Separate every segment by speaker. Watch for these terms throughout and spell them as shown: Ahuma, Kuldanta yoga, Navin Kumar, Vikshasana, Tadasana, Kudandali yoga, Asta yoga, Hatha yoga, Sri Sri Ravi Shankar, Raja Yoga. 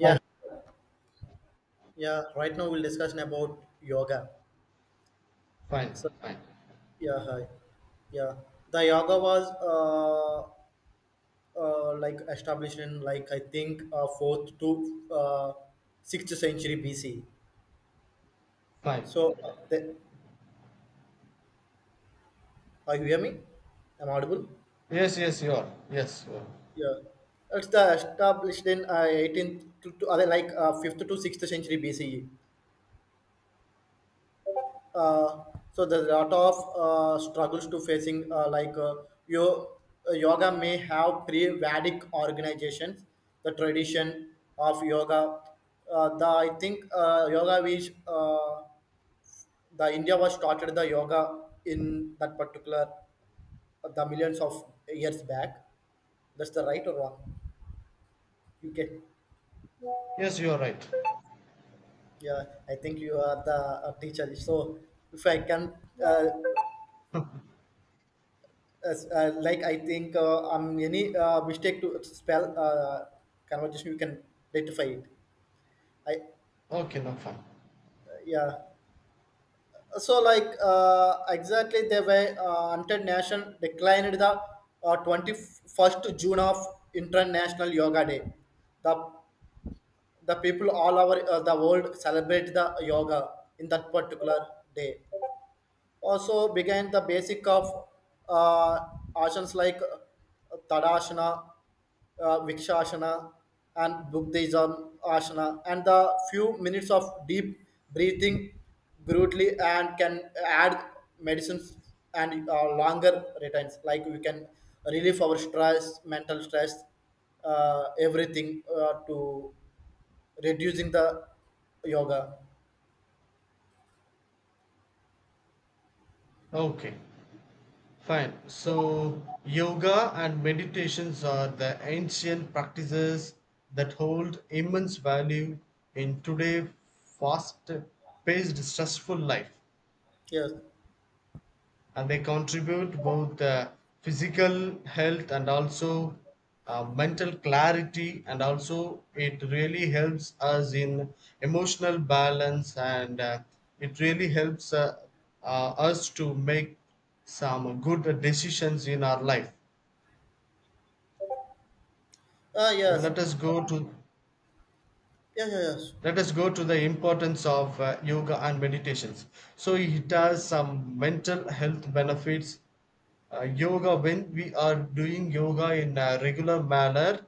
Speaker 1: Fine,
Speaker 2: yeah. Right now we'll discuss about yoga.
Speaker 1: fine,
Speaker 2: So
Speaker 1: fine,
Speaker 2: yeah, hi. Yeah, the yoga was like established in like I think fourth to sixth century BC.
Speaker 1: fine.
Speaker 2: So are you hear me? I'm audible.
Speaker 1: Yes, yes, you are. Yes, you are.
Speaker 2: Yeah, it's the established in 18th to like fifth to sixth century BCE. uh, so there's a lot of struggles to facing yo- yoga may have pre-vedic organizations, the tradition of yoga. Uh, the i think yoga which the india was started the yoga in that particular the millions of years back. That's the right or wrong, you can.
Speaker 1: Yes, you are right.
Speaker 2: Yeah, I think you are the teacher, so if I can uh, as like I think any mistake to spell conversation, you can rectify it. I
Speaker 1: Okay, now fine.
Speaker 2: yeah. So like exactly the way international declined the 21st June of International Yoga Day. The the people all over the world celebrate the yoga in that particular day. Also began the basic of uh, asanas like Tadasana, Vikshasana, and Buddhism asana, and the few minutes of deep breathing brutally and can add medicines and longer returns. Like we can relieve our stress, mental stress, everything to reducing the yoga.
Speaker 1: Okay, fine. So, yoga and meditations are the ancient practices that hold immense value in today fast paced, stressful life.
Speaker 2: Yes.
Speaker 1: And they contribute both physical health and also mental clarity, and also it really helps us in emotional balance, and it really helps us to make some good decisions in our life.
Speaker 2: Ah, yes.
Speaker 1: let us go to
Speaker 2: Yeah, yeah, yes.
Speaker 1: Let us go to the importance of yoga and meditations. So it has some mental health benefits. Yoga, when we are doing yoga in a regular manner,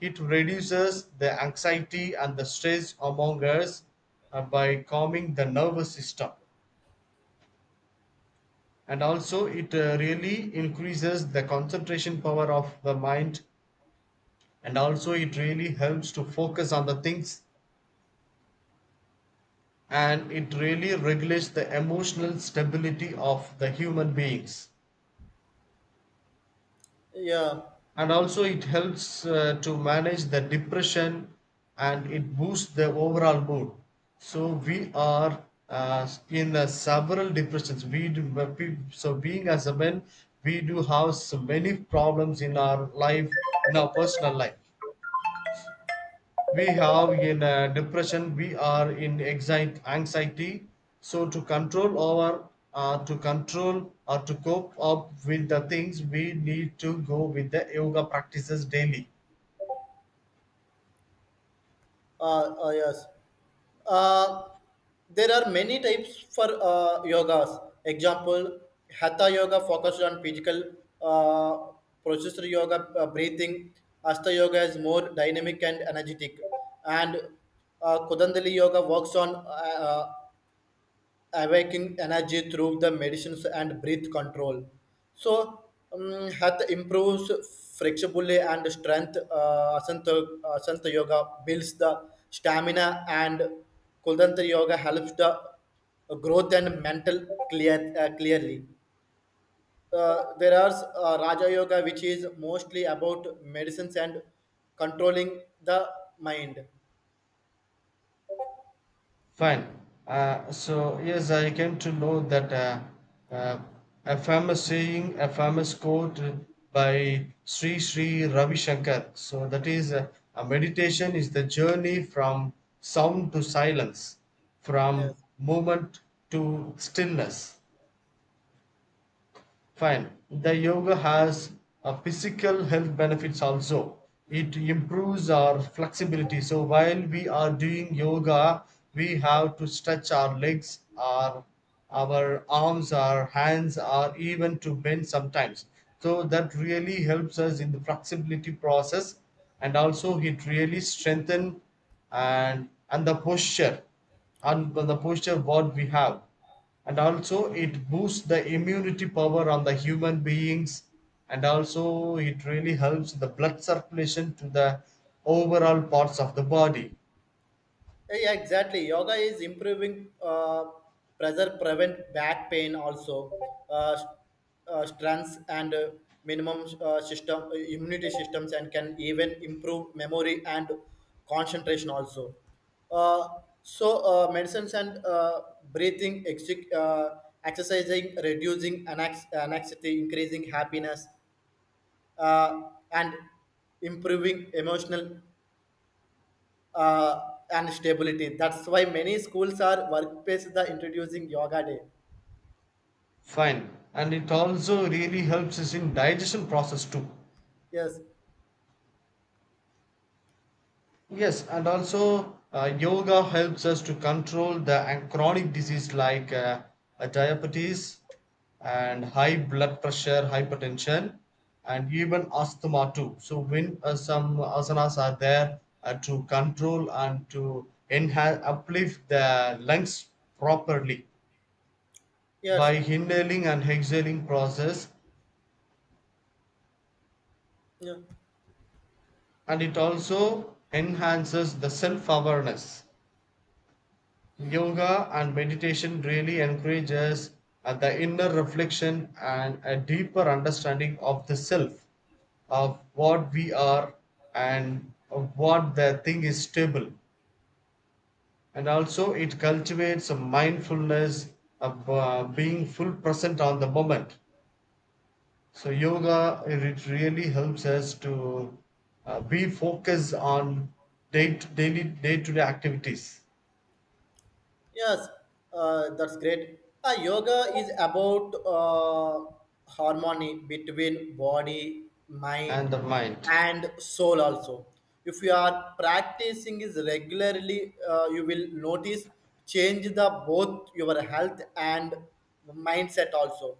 Speaker 1: it reduces the anxiety and the stress among us by calming the nervous system, and also it really increases the concentration power of the mind, and also it really helps to focus on the things, and it really regulates the emotional stability of the human beings.
Speaker 2: Yeah.
Speaker 1: And also it helps to manage the depression, and it boosts the overall mood. So we are in several depressions. So being as a man, we do have so many problems in our life, in our personal life. We have in a depression, we are in anxiety anxiety. So to control our to control or to cope up with the things, we need to go with the yoga practices daily.
Speaker 2: Yes. Uh, there are many types for yogas. Example, hatha yoga focused on physical uh, processor yoga, breathing. Asta yoga is more dynamic and energetic. And Kudandali yoga works on awakening energy through the medicines and breath control. So, health improves flexibility and strength. Asanta yoga builds the stamina, and Kuldanta yoga helps the growth and mental clearly. There are Raja Yoga, which is mostly about medicines and controlling the mind.
Speaker 1: Fine. So yes, I came to know that uh, a famous saying, a famous quote by Sri Sri Ravi Shankar. So that is, a meditation is the journey from sound to silence,
Speaker 2: Yes.
Speaker 1: from movement to stillness. Fine. The yoga has a physical health benefits also. It improves our flexibility. So while we are doing yoga, we have to stretch our legs, our arms, our hands, or even to bend sometimes. So that really helps us in the flexibility process, and also it really strengthen and the posture, what we have, and also it boosts the immunity power on the human beings, and also it really helps the blood circulation to the overall parts of the body.
Speaker 2: Yeah, exactly. Yoga is improving pressure, prevent back pain, also uh, s- strengths and minimum system immunity systems, and can even improve memory and concentration also. Uh, so medicines and breathing, uh, exercising, reducing anxiety, increasing happiness, and improving emotional uh, and stability. That's why many schools are workplaces are introducing yoga day.
Speaker 1: Fine, and it also really helps us in digestion process too.
Speaker 2: Yes,
Speaker 1: Yes, and also yoga helps us to control the chronic disease like diabetes and high blood pressure, hypertension, and even asthma too. So when some asanas are there to control and to enhance, uplift the lungs properly by
Speaker 2: yes,
Speaker 1: inhaling and exhaling process,
Speaker 2: yeah.
Speaker 1: and it also enhances the self-awareness. Yoga and meditation really encourages the inner reflection and a deeper understanding of the self, of what we are and of what the thing is stable. And also, it cultivates a mindfulness of being full present on the moment. So, yoga, it really helps us to be focused on daily day to day activities
Speaker 2: Yes. That's great. Yoga is about harmony between body,
Speaker 1: and
Speaker 2: mind,
Speaker 1: the mind.
Speaker 2: and soul. Also, if you are practicing is regularly, you will notice change the both your health and mindset also.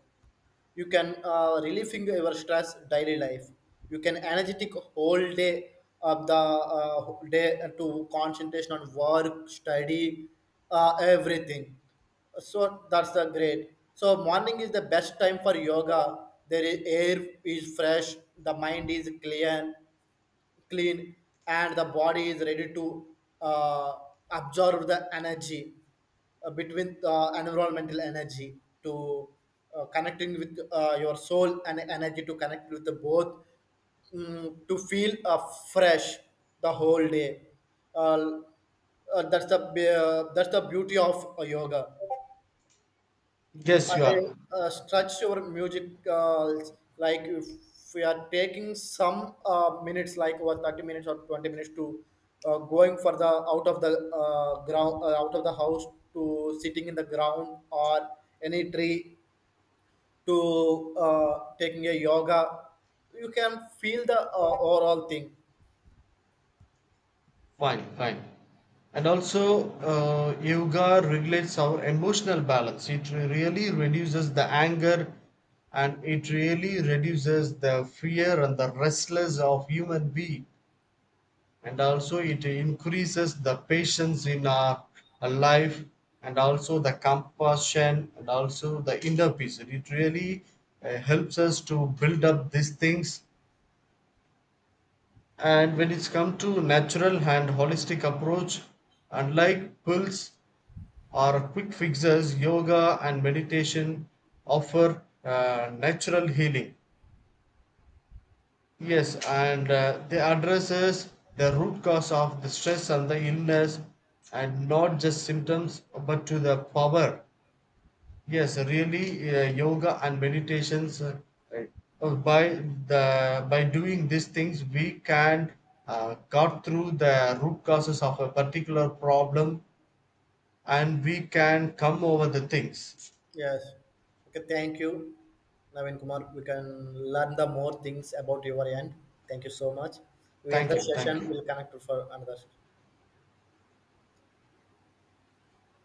Speaker 2: You can relieving your stress daily life, you can energetic whole day of the day to concentration on work study, everything. So that's the great. So morning is the best time for yoga. There is air is fresh, the mind is clear, clean, and the body is ready to uh, absorb the energy, between environmental energy to connecting with your soul and energy to connect with the both. To feel fresh the whole day. uh, that's the beauty of yoga.
Speaker 1: Yes, you are.
Speaker 2: I stretch your music like if we are taking some minutes, like over 30 minutes or 20 minutes to going for the out of the ground, out of the house to sitting in the ground or any tree to taking a yoga, you can feel the overall thing.
Speaker 1: Fine, fine. And also, yoga regulates our emotional balance. It really reduces the anger, and it really reduces the fear and the restless of human being. And also, it increases the patience in our life, and also the compassion and also the inner peace. It really helps us to build up these things. And when it's come to natural and holistic approach, unlike pills or quick fixes, yoga and meditation offer natural healing. Yes, and they addresses the root cause of the stress and the illness, and not just symptoms but to the power. Yes, really, yoga and meditations. By the by doing these things, we can cut through the root causes of a particular problem, and we can come over the things.
Speaker 2: Yes. Okay, thank you, Navin Kumar. We can learn the more things about your end. Thank you so much. We end
Speaker 1: Thank
Speaker 2: the
Speaker 1: you. Thank
Speaker 2: session.
Speaker 1: you.
Speaker 2: We'll connect for another.